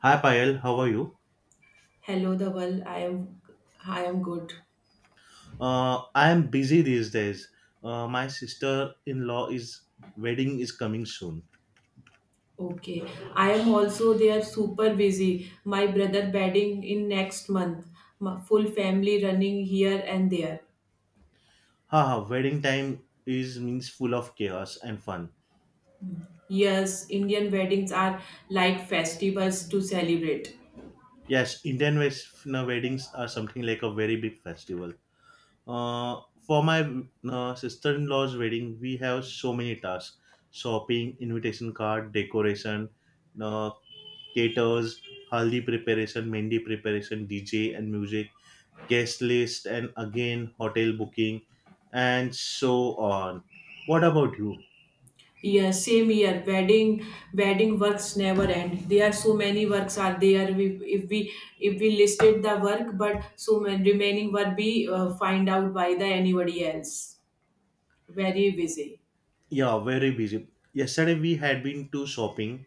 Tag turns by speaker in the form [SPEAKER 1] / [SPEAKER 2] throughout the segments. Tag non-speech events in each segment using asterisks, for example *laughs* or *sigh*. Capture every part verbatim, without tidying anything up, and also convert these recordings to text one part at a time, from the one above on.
[SPEAKER 1] Hi Payal, how are you?
[SPEAKER 2] Hello, Dhaval. I am I am good.
[SPEAKER 1] Uh, I am busy these days. Uh, my sister-in-law is wedding is coming soon.
[SPEAKER 2] Okay. I am also they are super busy. My brother wedding in next month. My full family running here and there.
[SPEAKER 1] Haha, wedding time is means full of chaos and fun.
[SPEAKER 2] Yes, Indian weddings are like festivals to celebrate.
[SPEAKER 1] Yes, Indian West weddings are something like a very big festival. Uh, for my uh, sister-in-law's wedding, we have so many tasks: shopping, invitation card, decoration, uh, caters, haldi preparation, mehndi preparation, D J and music guest list, and again, hotel booking, and so on. What about you?
[SPEAKER 2] Yes, same year. Wedding wedding works never end. There are so many works are there. We, if we if we listed the work, but so many remaining work be uh, find out by the anybody else. Very busy.
[SPEAKER 1] Yeah, very busy. Yesterday we had been to shopping.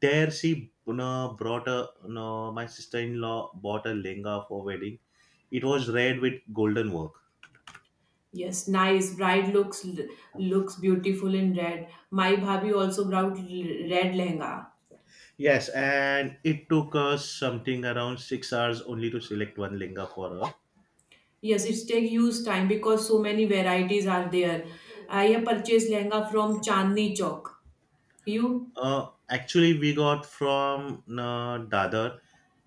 [SPEAKER 1] There she uh, brought a no, my sister-in-law bought a lehenga for wedding. It was red with golden work.
[SPEAKER 2] Yes, nice. Bride looks looks beautiful in red. My bhabhi also brought l- red lehenga.
[SPEAKER 1] Yes, and it took us something around six hours only to select one lehenga for her.
[SPEAKER 2] Yes, it takes huge time because so many varieties are there. I have purchased lehenga from Chandni Chowk. You?
[SPEAKER 1] Uh, actually, we got from uh, Dadar,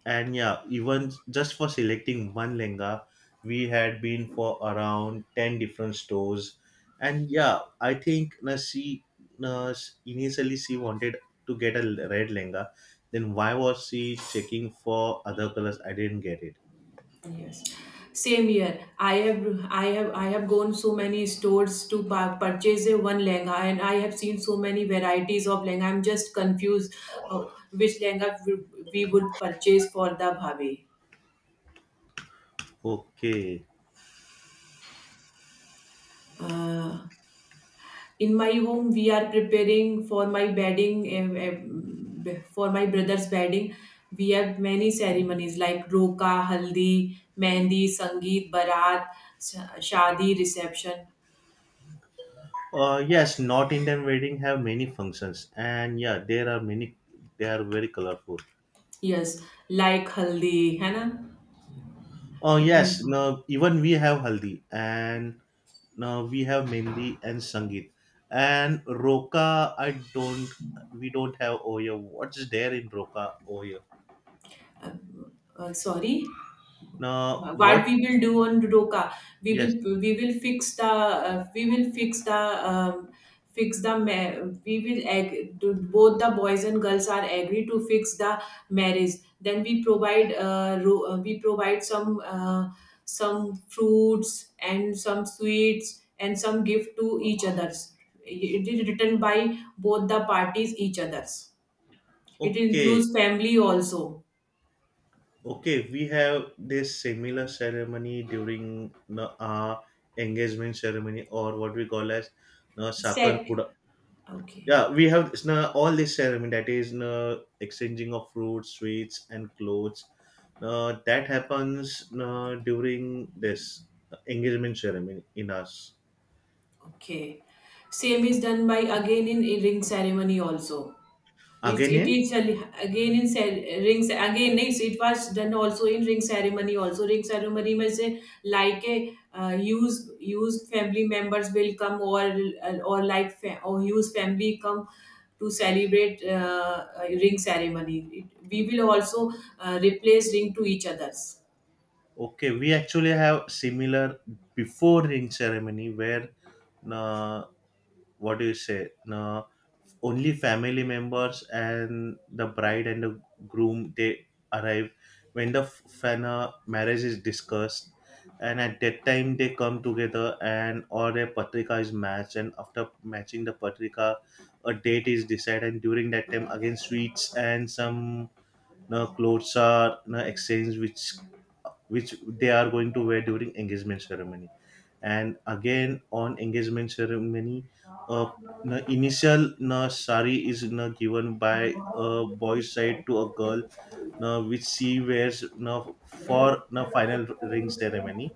[SPEAKER 1] and yeah, even just for selecting one lenga, we had been for around ten different stores, and yeah, I think na she na initially she wanted to get a l- red lenga, then why was she checking for other colors? I didn't get it.
[SPEAKER 2] Yes. Same here. I have I have I have gone so many stores to pa- purchase a one lehenga, and I have seen so many varieties of lehenga. I'm just confused, uh, which lehenga we we would purchase for the bhabhi.
[SPEAKER 1] Okay.
[SPEAKER 2] Uh, in my home we are preparing for my bedding eh, eh, b- for my brother's bedding. We have many ceremonies like roka, haldi, mehndi, sangeet, barat, sh- shadi, reception.
[SPEAKER 1] Uh, yes, North Indian wedding have many functions, and yeah, there are many. They are very colorful.
[SPEAKER 2] Yes, like haldi है ना?
[SPEAKER 1] Oh yes, no, even we have haldi and no, we have mendi and sangeet and roka. I don't, we don't have oya. What's there in roka oya?
[SPEAKER 2] Uh, sorry
[SPEAKER 1] Now
[SPEAKER 2] What
[SPEAKER 1] what?
[SPEAKER 2] we will do on Rudoka, we
[SPEAKER 1] Yes.
[SPEAKER 2] will we will fix the uh, we will fix the um, fix the ma- we will ag- do- both the boys and girls are agree to fix the marriage. Then we provide uh, ro- uh, we provide some uh, some fruits and some sweets and some gift to each others. It is written by both the parties each others. It
[SPEAKER 1] Okay.
[SPEAKER 2] includes family also.
[SPEAKER 1] Okay. We have this similar ceremony during the uh, engagement ceremony or what we call as no sakar.
[SPEAKER 2] Sec. Okay.
[SPEAKER 1] Yeah, we have it's na all this ceremony that is na exchanging of fruits, sweets, and clothes. Uh, that happens na during this engagement ceremony in us.
[SPEAKER 2] Okay. Same is done by again in a ring ceremony also. It's,
[SPEAKER 1] Again,
[SPEAKER 2] it
[SPEAKER 1] in.
[SPEAKER 2] is a- again in cer- rings again, no, it's, it was done also in ring ceremony. Also, ring ceremony में से like a uh, use use family members will come, or uh, or like fa- or use family come to celebrate uh, uh, ring ceremony. It, we will also uh, replace ring to each others.
[SPEAKER 1] Okay, we actually have similar before ring ceremony where na what do you say no, only family members and the bride and the groom they arrive when the f- when a marriage is discussed, and at that time they come together and all their patrika is matched, and after matching the patrika a date is decided, and during that time again sweets and some no, clothes are no, exchanged, which which they are going to wear during engagement ceremony. And again on engagement ceremony, uh, the initial na sari is na given by a boy's side to a girl na, which she wears na for na final ring ceremony,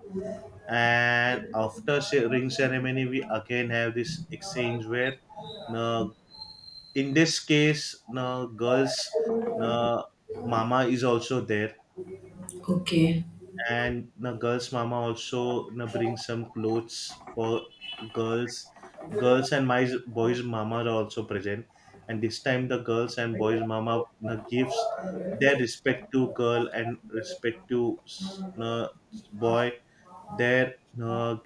[SPEAKER 1] and after ce- ring ceremony we again have this exchange where na, in this case na girls na mama is also there,
[SPEAKER 2] Okay,
[SPEAKER 1] and the girls mama also you know, brings some clothes for girls girls and my boys mama are also present, and this time the girls and boys mama you know, gives their respect to girl and respect to you know, boy, their uh,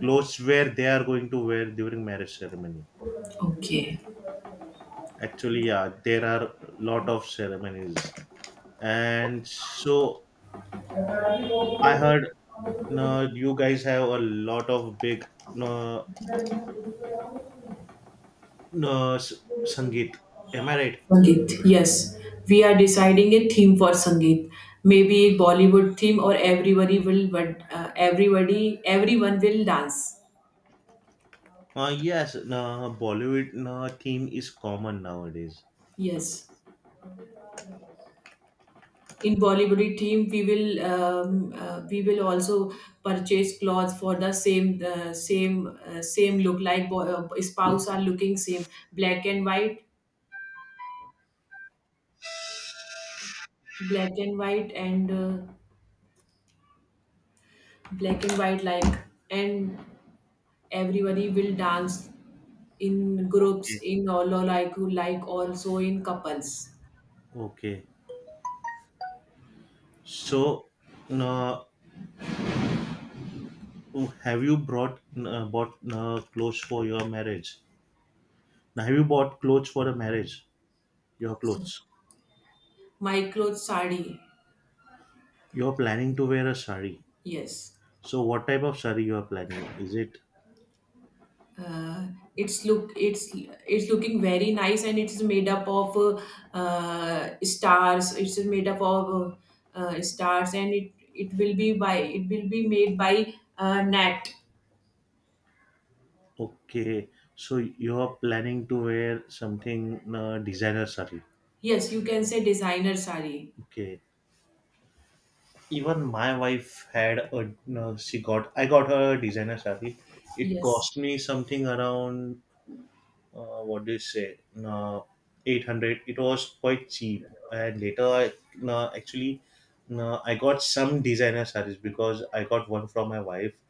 [SPEAKER 1] clothes where they are going to wear during marriage ceremony.
[SPEAKER 2] okay.
[SPEAKER 1] Actually yeah, there are lot of ceremonies, and so i heard. No, you guys have a lot of big, no, no, s- Sangeet. Am I right?
[SPEAKER 2] Sangeet, yes. We are deciding a theme for Sangeet. Maybe a Bollywood theme or everybody will, but uh, everybody, everyone will dance.
[SPEAKER 1] Uh, yes, no, Bollywood no, theme is common nowadays.
[SPEAKER 2] Yes. In Bollywood theme, we will um, uh, we will also purchase clothes for the same uh, same uh, same look like bo- uh, spouse are looking same, black and white, black and white, and uh, black and white, like, and everybody will dance in groups,
[SPEAKER 1] Okay,
[SPEAKER 2] in all or like who like also in couples.
[SPEAKER 1] okay. So, no, have you brought no, bought no, clothes for your marriage? Now, have you bought clothes for the marriage? Your
[SPEAKER 2] So
[SPEAKER 1] clothes.
[SPEAKER 2] my clothes sari,
[SPEAKER 1] You're planning to wear a sari.
[SPEAKER 2] yes.
[SPEAKER 1] So, what type of sari you are planning? Is it
[SPEAKER 2] Uh, it's look it's it's looking very nice, and it's made up of uh, uh, stars. It's made up of uh, uh, stars, and it it will be by it will be made by uh, net.
[SPEAKER 1] okay? So, you are planning to wear something no, designer sari.
[SPEAKER 2] Yes, you can say designer sari.
[SPEAKER 1] Okay. Even my wife had a no, she got I got her a designer sari. It
[SPEAKER 2] Yes.
[SPEAKER 1] cost me something around uh, what do you say, uh, eight hundred. It was quite cheap. And later, I uh, actually, uh, I got some designer sarees because I got one from my wife.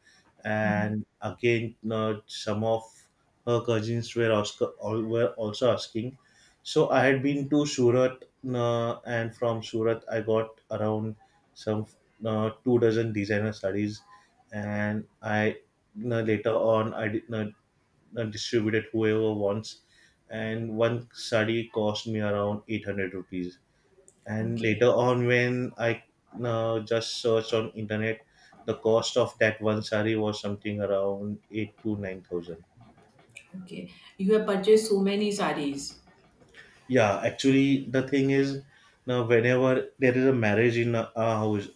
[SPEAKER 2] Hmm.
[SPEAKER 1] And again, uh, some of her cousins were also, all were also asking. So I had been to Surat, uh, and from Surat, I got around some uh, two dozen designer sarees. And I uh, later on, I did, uh, uh, distribute it whoever wants. And one sari cost me around eight hundred rupees. And later
[SPEAKER 2] Okay.
[SPEAKER 1] on, when I uh, just searched on internet, the cost of that one sari was something around eight to nine thousand.
[SPEAKER 2] Okay. You have purchased so many saris.
[SPEAKER 1] Yeah, actually, the thing is, now whenever there is a marriage in a, a house,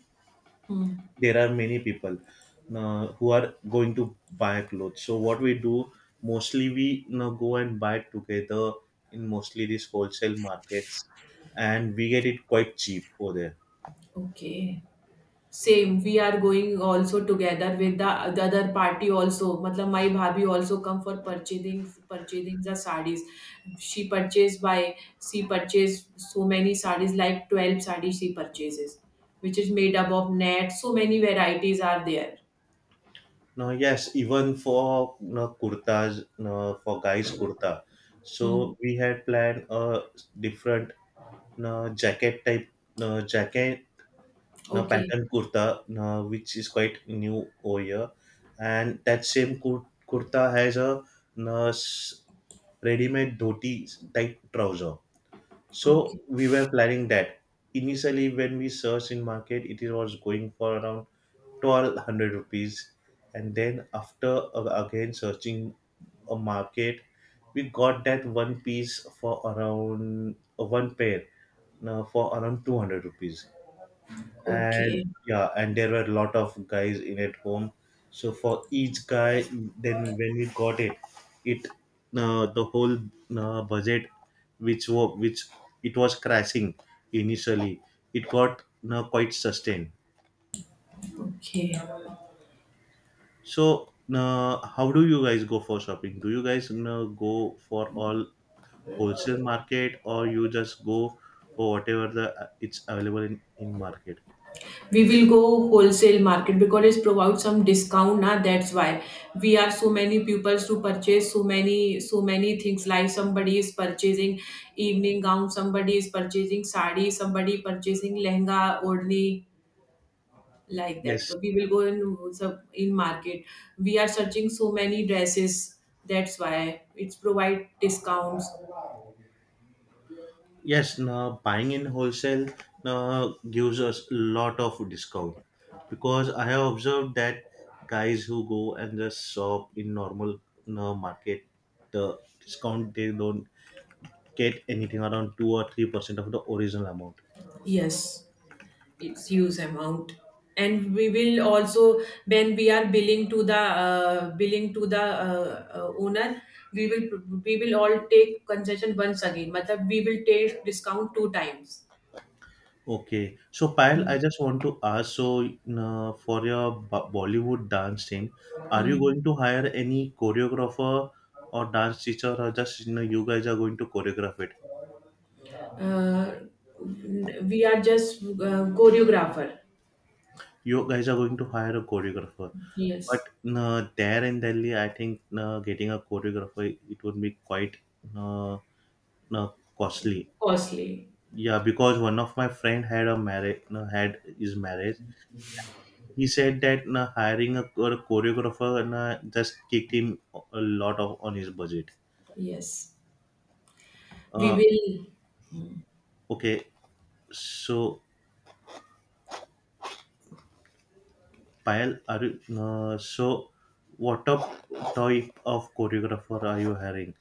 [SPEAKER 2] Hmm.
[SPEAKER 1] there are many people uh, who are going to buy clothes, so what we do, mostly we you know, go and buy together in mostly these wholesale markets, and we get it quite cheap over there.
[SPEAKER 2] Okay. Same. We are going also together with the, the other party also. Matlab, my bhabi also come for purchasing purchasing the sarees. She purchased by she purchased so many sarees, like twelve sarees she purchases, which is made up of net. So many varieties are there.
[SPEAKER 1] Now yes, even for you know, kurtas, you know, for guys kurta,
[SPEAKER 2] Hmm.
[SPEAKER 1] so we had planned a different you know, jacket type, you know, jacket now
[SPEAKER 2] Okay.
[SPEAKER 1] pattern kurta now, which is quite new over here, and that same kur- kurta has a now, s- ready-made dhoti type trouser. So
[SPEAKER 2] Okay.
[SPEAKER 1] we were planning that initially, when we searched in market it was going for around twelve hundred rupees, and then after uh, again searching a market, we got that one piece for around uh, one pair now for around two hundred rupees. And
[SPEAKER 2] Okay.
[SPEAKER 1] yeah, and there were a lot of guys in at home, so for each guy, then when we got it it uh, the whole uh, budget which was which it was crashing initially, it got uh, quite sustained.
[SPEAKER 2] Okay.
[SPEAKER 1] So uh, how do you guys go for shopping? Do you guys uh, go for all wholesale market, or you just go for whatever the uh, it's available in in market?
[SPEAKER 2] We will go wholesale market because it provides some discount, na, that's why we are so many pupils to purchase so many so many things, like somebody is purchasing evening gown, somebody is purchasing sari, somebody purchasing lehenga, odni, like that.
[SPEAKER 1] Yes.
[SPEAKER 2] So we will go in. So in market we are searching so many dresses, that's why it's provide discounts.
[SPEAKER 1] Yes, now buying in wholesale now gives us a lot of discount, because I have observed that guys who go and just shop in normal now market, the discount they don't get anything around two or three percent of the original amount.
[SPEAKER 2] Yes, its use amount. And we will also, when we are billing to the uh, billing to the uh, uh, owner, we will we will all take concession once again, matlab we will take discount two times.
[SPEAKER 1] Okay, so Payal, I
[SPEAKER 2] Hmm.
[SPEAKER 1] just want to ask, so now for your Bo- Bollywood dance team, are you
[SPEAKER 2] Hmm.
[SPEAKER 1] going to hire any choreographer or dance teacher, or just you know you guys are going to choreograph it?
[SPEAKER 2] Uh, we are just uh, choreographer.
[SPEAKER 1] You guys are going to hire a choreographer.
[SPEAKER 2] Yes,
[SPEAKER 1] But uh, there in Delhi, I think uh, getting a choreographer it would be quite uh, uh, costly.
[SPEAKER 2] costly.
[SPEAKER 1] Yeah, because one of my friend had a marriage, uh, had his marriage. He said that uh, hiring a, chor- choreographer and uh, just kicked him a lot of on his budget.
[SPEAKER 2] Yes, we
[SPEAKER 1] Uh,
[SPEAKER 2] will. Hmm.
[SPEAKER 1] okay, so pile are you uh, so what up type of choreographer are you hiring?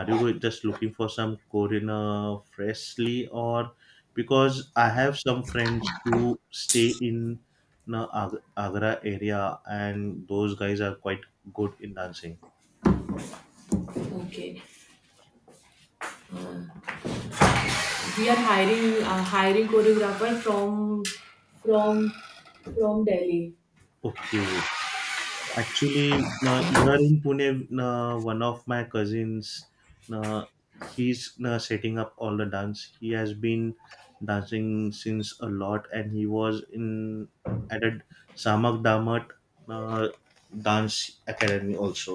[SPEAKER 1] Are you just looking for some korean uh, freshly, or because i have some friends who stay in the Ag- agra area, and those guys are quite good in dancing.
[SPEAKER 2] Okay, we are hiring uh, hiring choreographer from from from Delhi.
[SPEAKER 1] Okay. Actually, na here in Pune, na one of my cousins, na he's na setting up all the dance. He has been dancing since a lot, and he was in at a Samak Damat uh, dance academy also.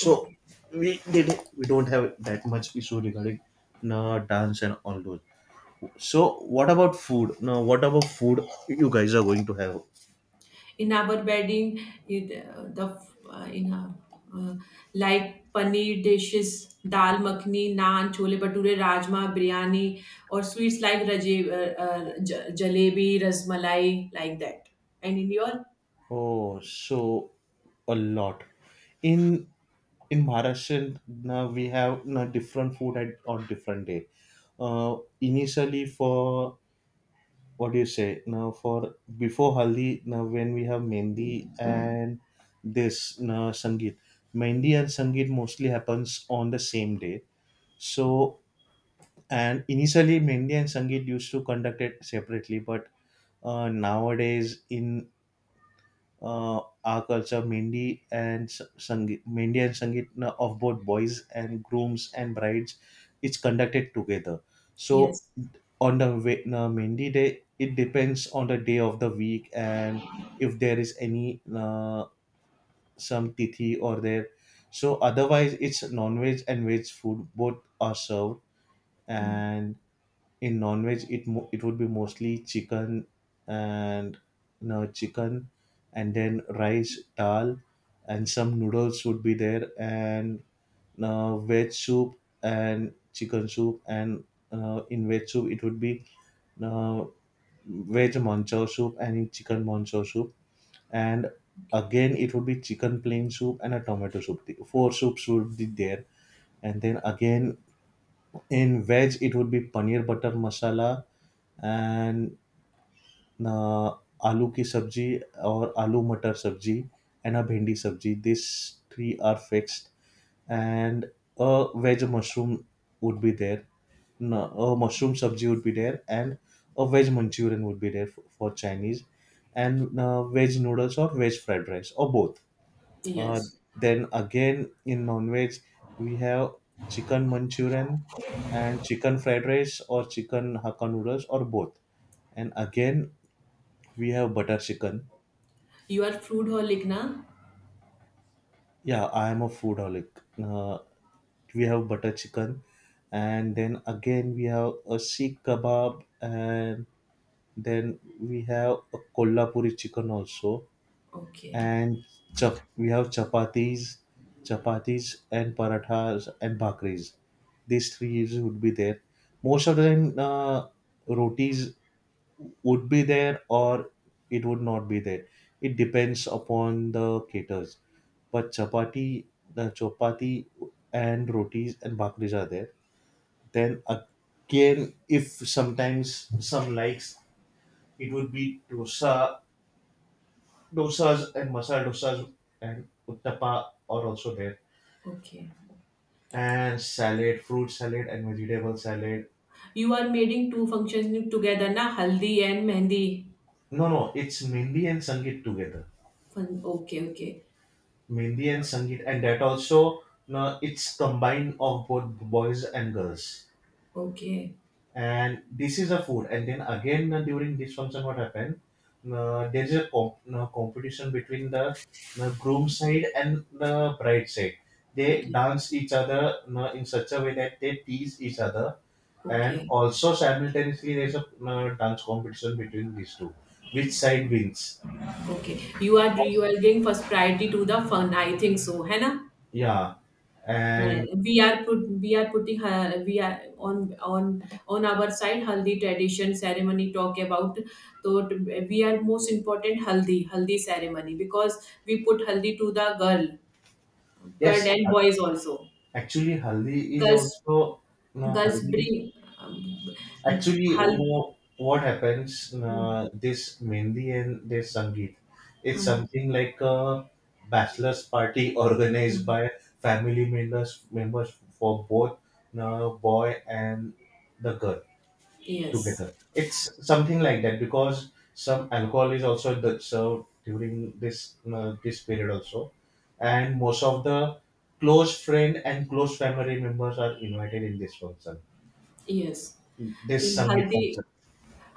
[SPEAKER 1] So
[SPEAKER 2] Okay.
[SPEAKER 1] we did, we don't have that much issue regarding na dance and all those. So what about food? Now what about food you guys are going to have?
[SPEAKER 2] In our bedding, it, uh, the uh, in our, uh, like paneer dishes, dal makhni, naan, chole bhature, rajma, biryani, or sweets like raje, uh, uh, j- jalebi, rasmalai, like that. And in your
[SPEAKER 1] Oh, so a lot. In in Maharashtra now we have now different food at on different day. Uh, initially for what do you say now for before Haldi now when we have Mendi and this now Sangeet. Mendi and Sangeet mostly happens on the same day. So and initially Mendi and Sangeet used to conduct it separately, but uh, nowadays in uh, our culture, Mendi and S- Sangeet, Mendi and Sangeet na- of both boys and grooms and brides is conducted together. So
[SPEAKER 2] Yes,
[SPEAKER 1] on the we- na Mendi day, it depends on the day of the week and if there is any uh, some tithi or there. So otherwise, it's non-veg and veg food both are served, and in non-veg it mo- it would be mostly chicken and you know, chicken, and then rice dal and some noodles would be there, and uh, veg soup and chicken soup and uh, in veg soup it would be uh, veg manchow soup, and in chicken manchow soup, and
[SPEAKER 2] okay,
[SPEAKER 1] again it would be chicken plain soup and a tomato soup. The four soups would be there, and then again in veg, it would be paneer butter masala and uh, aloo ki sabji or aloo matar sabji and a bhindi sabji. These three are fixed, and a veg mushroom would be there. No, a mushroom sabji would be there, and a veg Manchurian would be there for, for Chinese, and uh, veg noodles or veg fried rice or both. Uh,
[SPEAKER 2] yes,
[SPEAKER 1] then again, in non-veg, we have chicken Manchurian and chicken fried rice or chicken Hakka noodles or both. And again, we have butter chicken.
[SPEAKER 2] you are food holic, na?
[SPEAKER 1] Yeah, I am a foodaholic. Uh, we have butter chicken, and then again we have a Sikh kebab, and then we have a Kolhapuri chicken also,
[SPEAKER 2] Okay,
[SPEAKER 1] and chap- we have chapatis, chapatis and parathas and bhakris. These three would be there. Most of the time, uh, rotis would be there or it would not be there. It depends upon the caterers. But chapati, the chapati and rotis and bhakris are there. Then again, if sometimes some likes, it would be dosa. Dosas and masala dosas and uttapa are also there.
[SPEAKER 2] okay.
[SPEAKER 1] And salad, fruit salad and vegetable salad.
[SPEAKER 2] You are making two functions together, na? Haldi and Mehndi.
[SPEAKER 1] No, no, it's Mendi and Sangeet together.
[SPEAKER 2] Fun- Okay, okay,
[SPEAKER 1] Mendi and Sangeet, and that also no, it's combined of both boys and girls.
[SPEAKER 2] okay,
[SPEAKER 1] And this is a food. And then again, uh, during this function, what happened, uh, there is a comp- uh, competition between the uh, groom side and the bride side. They
[SPEAKER 2] okay,
[SPEAKER 1] dance each other uh, in such a way that they tease each other. And
[SPEAKER 2] okay,
[SPEAKER 1] also simultaneously there's a uh, dance competition between these two, which side wins.
[SPEAKER 2] okay. You are you are giving first priority to the fun. I think so, है ना?
[SPEAKER 1] Yeah.
[SPEAKER 2] Uh,
[SPEAKER 1] And
[SPEAKER 2] we are put we are putting, uh, we are on on on our side haldi tradition ceremony talk about. So, t- we are most important haldi haldi ceremony, because we put haldi to the girl girl
[SPEAKER 1] yes,
[SPEAKER 2] and boys also.
[SPEAKER 1] actually haldi is
[SPEAKER 2] girls
[SPEAKER 1] also, no
[SPEAKER 2] Girls
[SPEAKER 1] haldi.
[SPEAKER 2] bring um,
[SPEAKER 1] Actually, you
[SPEAKER 2] haldi.
[SPEAKER 1] know what happens?
[SPEAKER 2] Mm,
[SPEAKER 1] Uh, this Mendi and this Sangeet, it's
[SPEAKER 2] mm,
[SPEAKER 1] something like a bachelor's party *laughs* organized
[SPEAKER 2] mm.
[SPEAKER 1] by family members members for both uh, boy and the girl
[SPEAKER 2] Yes,
[SPEAKER 1] together. It's something like that, because some alcohol is also the- served during this uh, this period also, and most of the close friend and close family members are invited in this function,
[SPEAKER 2] yes.
[SPEAKER 1] this
[SPEAKER 2] In
[SPEAKER 1] Sangeet
[SPEAKER 2] haldi,
[SPEAKER 1] function.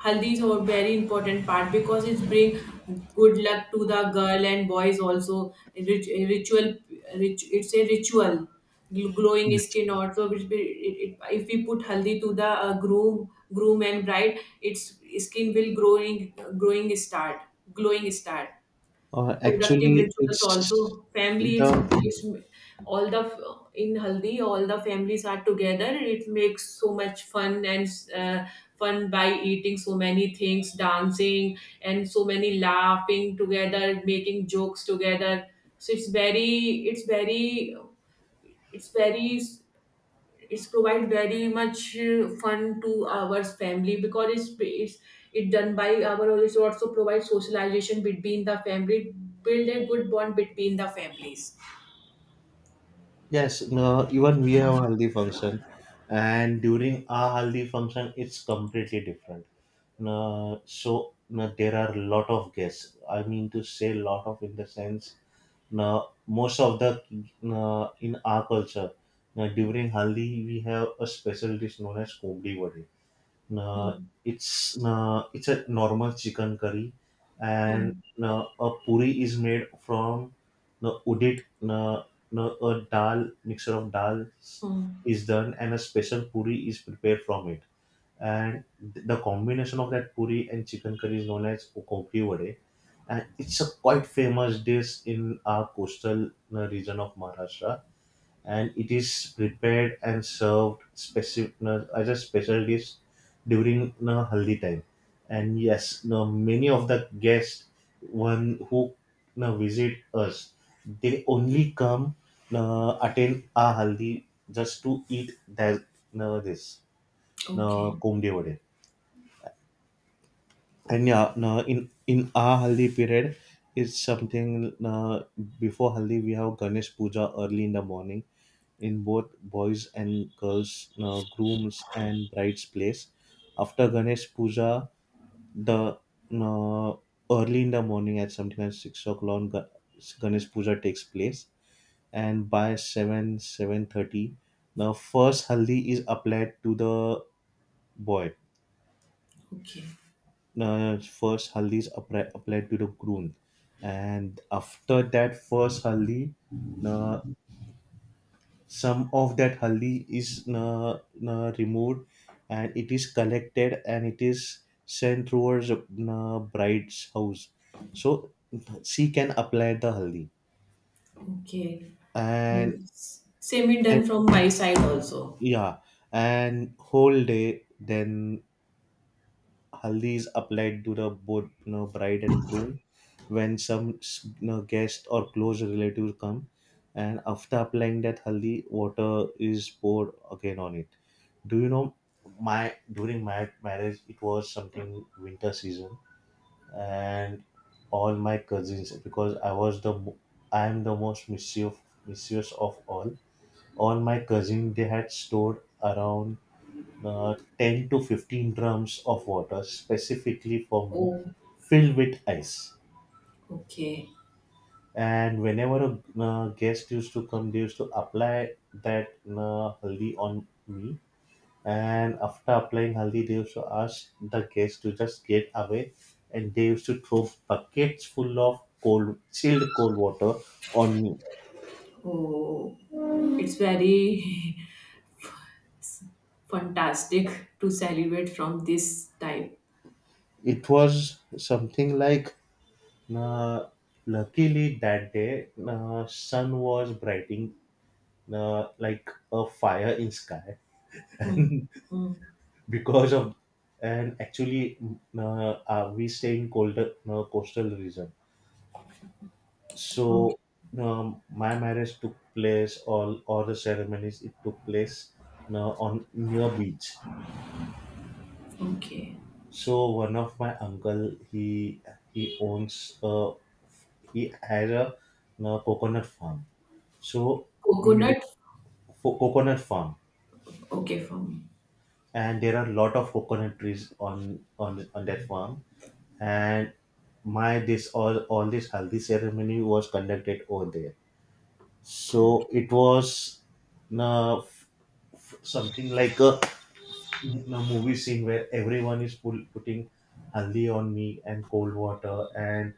[SPEAKER 2] haldi is a very important part because it bring good luck to the girl and boys also. Rit- Ritual. Rit- it's a ritual. Gl- Glowing skin also. It, it, it, if we put haldi to the uh, groom, groom and bride, its skin will growing, growing start, glowing start.
[SPEAKER 1] Uh,
[SPEAKER 2] Productive
[SPEAKER 1] actually,
[SPEAKER 2] rituals also
[SPEAKER 1] it's
[SPEAKER 2] family, it's,
[SPEAKER 1] the
[SPEAKER 2] it's all the. In haldi all the families are together, it makes so much fun, and uh, fun by eating so many things, dancing, and so many laughing together, making jokes together. So it's very it's very it's very it's provide very much uh, fun to our family, because it's it's it done by our. It also provides socialization between the family, build a good bond between the families.
[SPEAKER 1] Yes. No, even we have haldi function, and during our haldi function, it's completely different. No, so no, there are lot of guests. I mean to say, lot of in the sense, no, most of the, no, in our culture, no, during haldi we have a special dish known as kumli vadi. uh,
[SPEAKER 2] Hmm.
[SPEAKER 1] it's uh, it's a normal chicken curry, and
[SPEAKER 2] Hmm.
[SPEAKER 1] uh, a puri is made from uh, udit uh, uh, a dal, mixture of dal
[SPEAKER 2] Hmm.
[SPEAKER 1] is done, and a special puri is prepared from it. And th- the combination of that puri and chicken curry is known as kokri vade, and it's a quite famous dish in our coastal uh, region of Maharashtra. And it is prepared and served specific as a special dish during the haldi time. And yes, now many of the guests, one who now visit us, they only come now, attend our haldi just to eat that, now this, now
[SPEAKER 2] Okay,
[SPEAKER 1] kumde vade. And yeah, now in in our haldi period, it's something uh, before haldi we have Ganesh puja early in the morning in both boys and girls, uh, grooms and bride's place. After Ganesh puja, the uh, early in the morning at something like six o'clock, Ga- ganesh puja takes place. And by seven, seven thirty, the first haldi is applied to the boy.
[SPEAKER 2] okay,
[SPEAKER 1] Uh, first haldi is appri- applied to the groom. And after that first haldi, uh, some of that haldi is uh, uh, removed, and it is collected and it is sent towards uh, bride's house, so she can apply the haldi.
[SPEAKER 2] okay.
[SPEAKER 1] And
[SPEAKER 2] And same is
[SPEAKER 1] then,
[SPEAKER 2] done from my side also.
[SPEAKER 1] yeah, and whole day then haldi is applied to the both, you know, bride and groom, when some s- you know, guest or close relatives come. And after applying that haldi, water is poured again on it. Do you know, my during my marriage, it was something winter season. And all my cousins, because i was the mo- i am the most mischief mischievous of all. All my cousins, they had stored around uh, ten to fifteen drums of water specifically for me,
[SPEAKER 2] Oh,
[SPEAKER 1] filled with ice.
[SPEAKER 2] okay.
[SPEAKER 1] And whenever a uh, guest used to come, they used to apply that uh, haldi on me. And after applying haldi, they used to ask the guest to just get away, and they used to throw buckets full of cold chilled cold water on me.
[SPEAKER 2] Oh. It's very *laughs* fantastic to celebrate from this type.
[SPEAKER 1] It was something like uh, luckily that day uh, sun was brightening uh, like a fire in sky. *laughs*
[SPEAKER 2] Hmm.
[SPEAKER 1] And
[SPEAKER 2] Hmm.
[SPEAKER 1] because of, and actually, uh, uh, we stay in colder uh, coastal region.
[SPEAKER 2] Okay,
[SPEAKER 1] So um, my marriage took place, all all the ceremonies, it took place uh, on near beach.
[SPEAKER 2] okay.
[SPEAKER 1] So one of my uncle, he he owns uh, he has a uh, coconut farm. So we rent
[SPEAKER 2] Coconut?
[SPEAKER 1] for coconut farm.
[SPEAKER 2] Okay, for me.
[SPEAKER 1] And there are a lot of coconut trees on on on that farm. And my this, all all this haldi ceremony was conducted over there. So it was uh, f- f- something like a, a movie scene where everyone is pull, putting haldi on me and cold water, and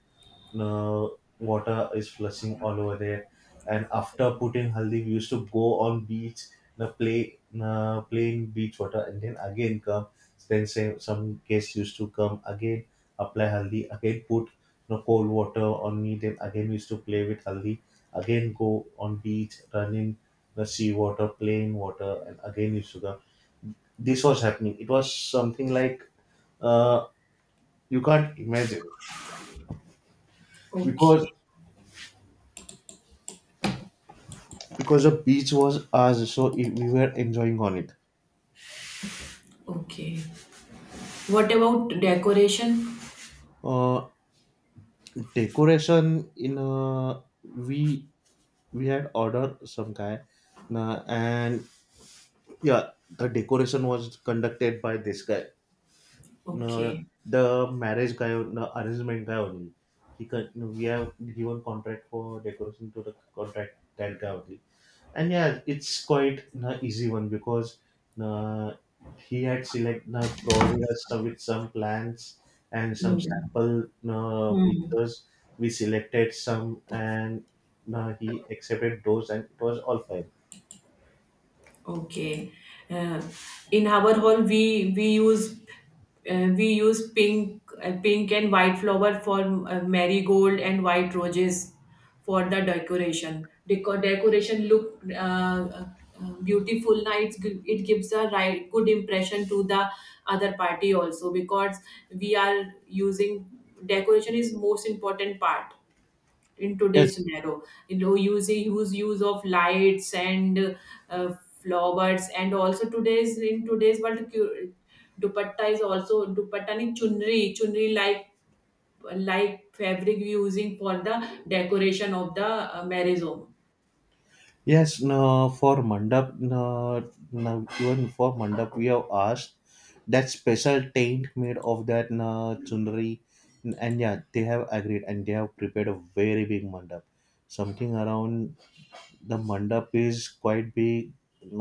[SPEAKER 1] uh, water is flushing all over there. And after putting haldi, we used to go on beach, na play na play in beach water, and then again come. Then say some guests used to come again, apply haldi again, put no cold water on me, then again we used to play with haldi, again go on beach, run in the sea water, play in water, and again used to come. This was happening, it was something like uh, you can't imagine, because
[SPEAKER 2] Okay,
[SPEAKER 1] because the beach was ours, so i- we were enjoying on it.
[SPEAKER 2] okay. What about decoration?
[SPEAKER 1] Uh, Decoration in uh, we we had ordered some guy, uh, and yeah, the decoration was conducted by this guy, uh,
[SPEAKER 2] Okay.
[SPEAKER 1] the marriage guy, the arrangement guy only. He can, we have given contract for decoration to the contract, that guy only. And yeah, it's quite an easy one, because uh, he had select uh, provided us some, with some plans and some
[SPEAKER 2] Yeah.
[SPEAKER 1] sample uh,
[SPEAKER 2] Hmm.
[SPEAKER 1] pictures. We selected some, and uh, he accepted those, and it was all fine.
[SPEAKER 2] Okay. Uh, in our hall, we we use uh, we use pink, uh, pink and white flower for, uh, marigold and white roses for the decoration. Deco- decoration look uh, uh, beautiful. Na, it's, gi- it gives a right good impression to the other party also, because we are using decoration is most important part in today's
[SPEAKER 1] Yes.
[SPEAKER 2] scenario. You know, using use use of lights and, uh, flowers, and also today's in today's world cu- dupatta is also dupatta ni chunri chunri like like fabric using for the decoration of the uh, marriage home.
[SPEAKER 1] Yes, no, for mandap, no, no, even for mandap we have asked that special taint made of that no chundari. And yeah, they have agreed and they have prepared a very big mandap, something around. The mandap is quite big.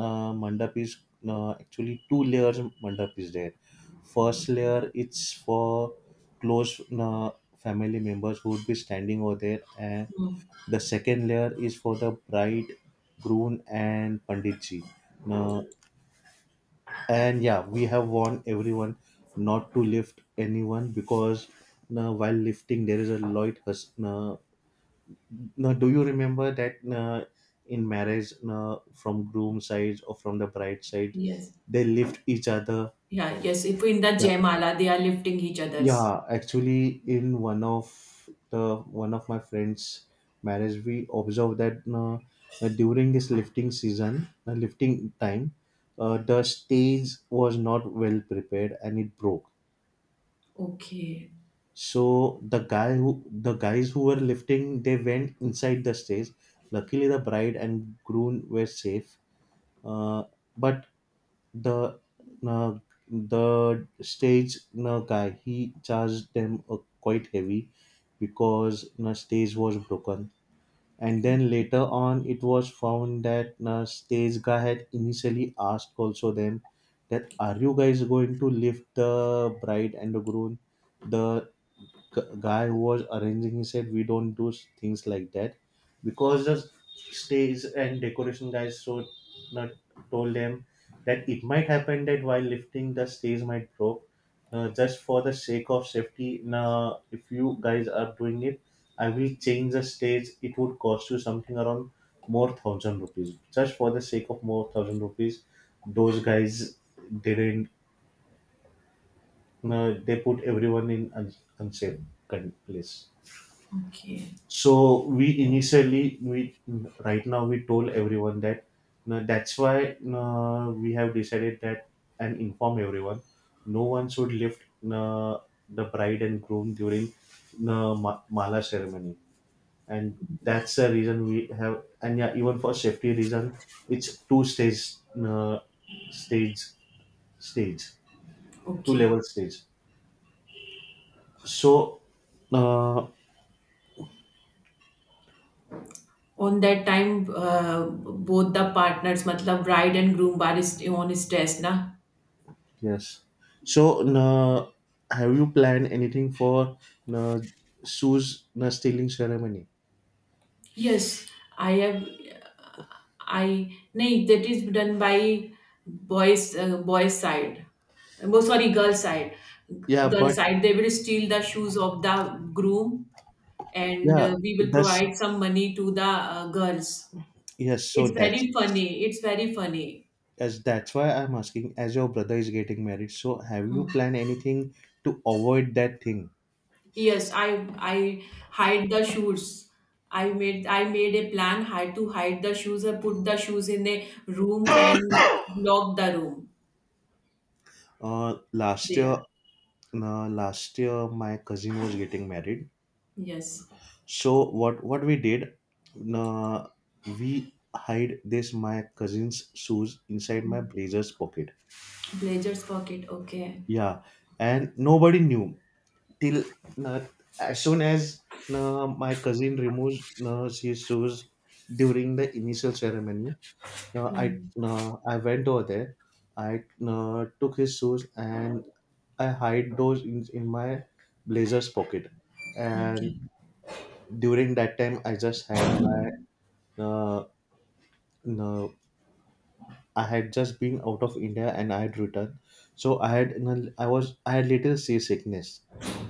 [SPEAKER 1] Uh, mandap is uh, actually two layers mandap is there. First layer, it's for close uh, family members who would be standing over there, and
[SPEAKER 2] Hmm.
[SPEAKER 1] the second layer is for the bride, groom, and panditji. Uh, and yeah, we have warned everyone not to lift anyone, because uh, while lifting there is a light hus- uh, now, do you remember that uh, in marriage, uh, from groom side or from the bride side,
[SPEAKER 2] Yes.
[SPEAKER 1] they lift each other?
[SPEAKER 2] Yeah. Yes, if in the
[SPEAKER 1] Yeah,
[SPEAKER 2] jaimala they are lifting each other's.
[SPEAKER 1] yeah. Actually, in one of the one of my friends' marriage, we observed that uh, uh, during this lifting season, uh, lifting time, uh, the stage was not well prepared and it broke.
[SPEAKER 2] Okay,
[SPEAKER 1] So the guy who the guys who were lifting, they went inside the stage. Luckily, the bride and groom were safe. Uh, but the uh, the stage uh, guy, he charged them uh, quite heavy because the stage was broken. And then later on, it was found that the stage guy had initially asked also them, that are you guys going to lift the bride and the groom? The gu- guy who was arranging, he said, we don't do s- things like that, because the stage and decoration guys so not told them that it might happen that while lifting the stage might broke. Uh, just for the sake of safety, now if you guys are doing it, I will change the stage, it would cost you something around more thousand rupees. Just for the sake of more thousand rupees, those guys didn't, uh, they put everyone in un- unsafe con- place.
[SPEAKER 2] okay,
[SPEAKER 1] So we initially we, right now we told everyone that no, that's why no, we have decided that, and inform everyone no one should lift no, the bride and groom during no, ma- mala ceremony. And that's the reason we have, and yeah, even for safety reason, it's two stage no, stage stage two
[SPEAKER 2] okay.
[SPEAKER 1] level stage. So uh,
[SPEAKER 2] On that time, uh, both the partners मतलब bride and groom are is- on stress, na.
[SPEAKER 1] yes. So, na, have you planned anything for na, shoes na stealing ceremony?
[SPEAKER 2] Yes, I have. I nay that is done by boys uh, boys side. Oh, sorry, girl side. G-
[SPEAKER 1] Yeah,
[SPEAKER 2] Girl
[SPEAKER 1] but
[SPEAKER 2] side, they will steal the shoes of the groom, and
[SPEAKER 1] yeah,
[SPEAKER 2] uh, we will
[SPEAKER 1] that's
[SPEAKER 2] provide some money to the uh, girls.
[SPEAKER 1] yes. So
[SPEAKER 2] It's
[SPEAKER 1] that's
[SPEAKER 2] very funny. It's very funny.
[SPEAKER 1] as that's why I'm asking. As your brother is getting married, so have you
[SPEAKER 2] Hmm.
[SPEAKER 1] planned anything to avoid that thing?
[SPEAKER 2] Yes, I I hide the shoes. I made I made a plan how to hide the shoes. I put the shoes in a room and lock the room.
[SPEAKER 1] Uh, last year,
[SPEAKER 2] There.
[SPEAKER 1] uh, last year my cousin was getting married.
[SPEAKER 2] Yes.
[SPEAKER 1] So what what we did, uh, we hide this my cousin's shoes inside my
[SPEAKER 2] Hmm.
[SPEAKER 1] blazer's pocket.
[SPEAKER 2] Blazer's pocket. Okay.
[SPEAKER 1] Yeah, and nobody knew till uh, as soon as uh, my cousin removes uh, his shoes during the initial ceremony. Uh, I
[SPEAKER 2] Hmm.
[SPEAKER 1] uh, I went over there. I uh, took his shoes, and I hide those in, in my blazer's pocket. And
[SPEAKER 2] Okay.
[SPEAKER 1] during that time, I just had my uh, uh, I had just been out of India, and I had returned. So I had n- I was I had little seasickness.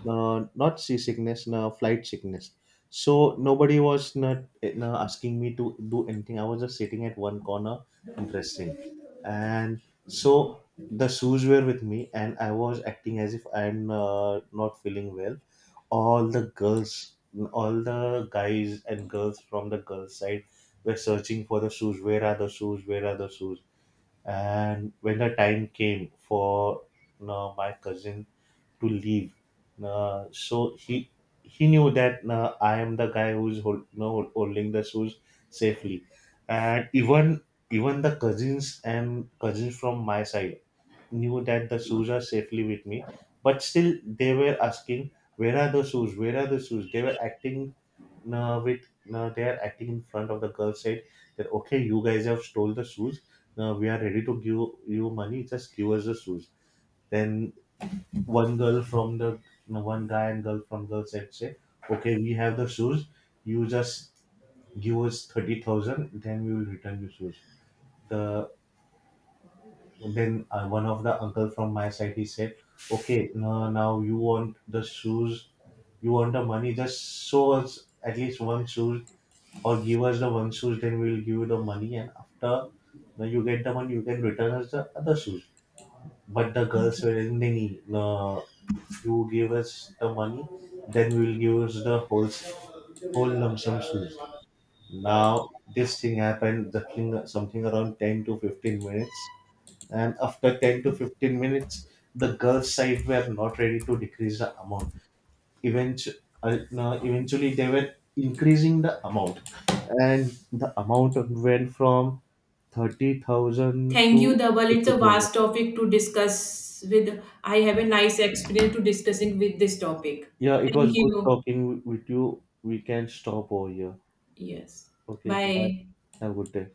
[SPEAKER 1] Uh, not seasickness, no, flight sickness. So nobody was not eh, no, asking me to do anything. I was just sitting at one corner and resting. And so the shoes were with me, and I was acting as if I'm uh, not feeling well. All the girls, all the guys and girls from the girls' side were searching for the shoes. Where are the shoes? Where are the shoes? And when the time came for, you know, my cousin to leave, uh, so he he knew that uh, I am the guy who's hold, you know, holding the shoes safely. And even even the cousins and cousins from my side knew that the shoes are safely with me, but still they were asking, where are the shoes, where are the shoes. They were acting uh, with uh, they are acting in front of the girl said that, okay, you guys have stole the shoes, now we are ready to give you money, just give us the shoes. Then one girl from the, no, one guy and girl from girl said say, okay, we have the shoes, you just give us thirty thousand, then we will return you shoes. The then uh, One of the uncle from my side, he said, "Okay, no, now you want the shoes, you want the money. Just show us at least one shoes, or give us the one shoes. Then we'll give you the money. And after when you get the money, you can return us the other shoes." But the girls
[SPEAKER 2] Okay.
[SPEAKER 1] were in Nini, uh, you give us the money, then we will give us the whole s- whole lump sum shoes. Now this thing happened, the thing something around ten to fifteen minutes, and after ten to fifteen minutes, the girls side were not ready to decrease the amount. Eventually, eventually they were increasing the amount, and the amount went from thirty thousand
[SPEAKER 2] Thank you,
[SPEAKER 1] to
[SPEAKER 2] Double. It's a
[SPEAKER 1] fifty thousand.
[SPEAKER 2] vast topic to discuss with. I have a nice experience to discussing with this topic.
[SPEAKER 1] Yeah, it
[SPEAKER 2] Thank
[SPEAKER 1] was good
[SPEAKER 2] you.
[SPEAKER 1] talking with you. We can stop over here.
[SPEAKER 2] Yes.
[SPEAKER 1] Okay, bye.
[SPEAKER 2] Bye.
[SPEAKER 1] Have a good day.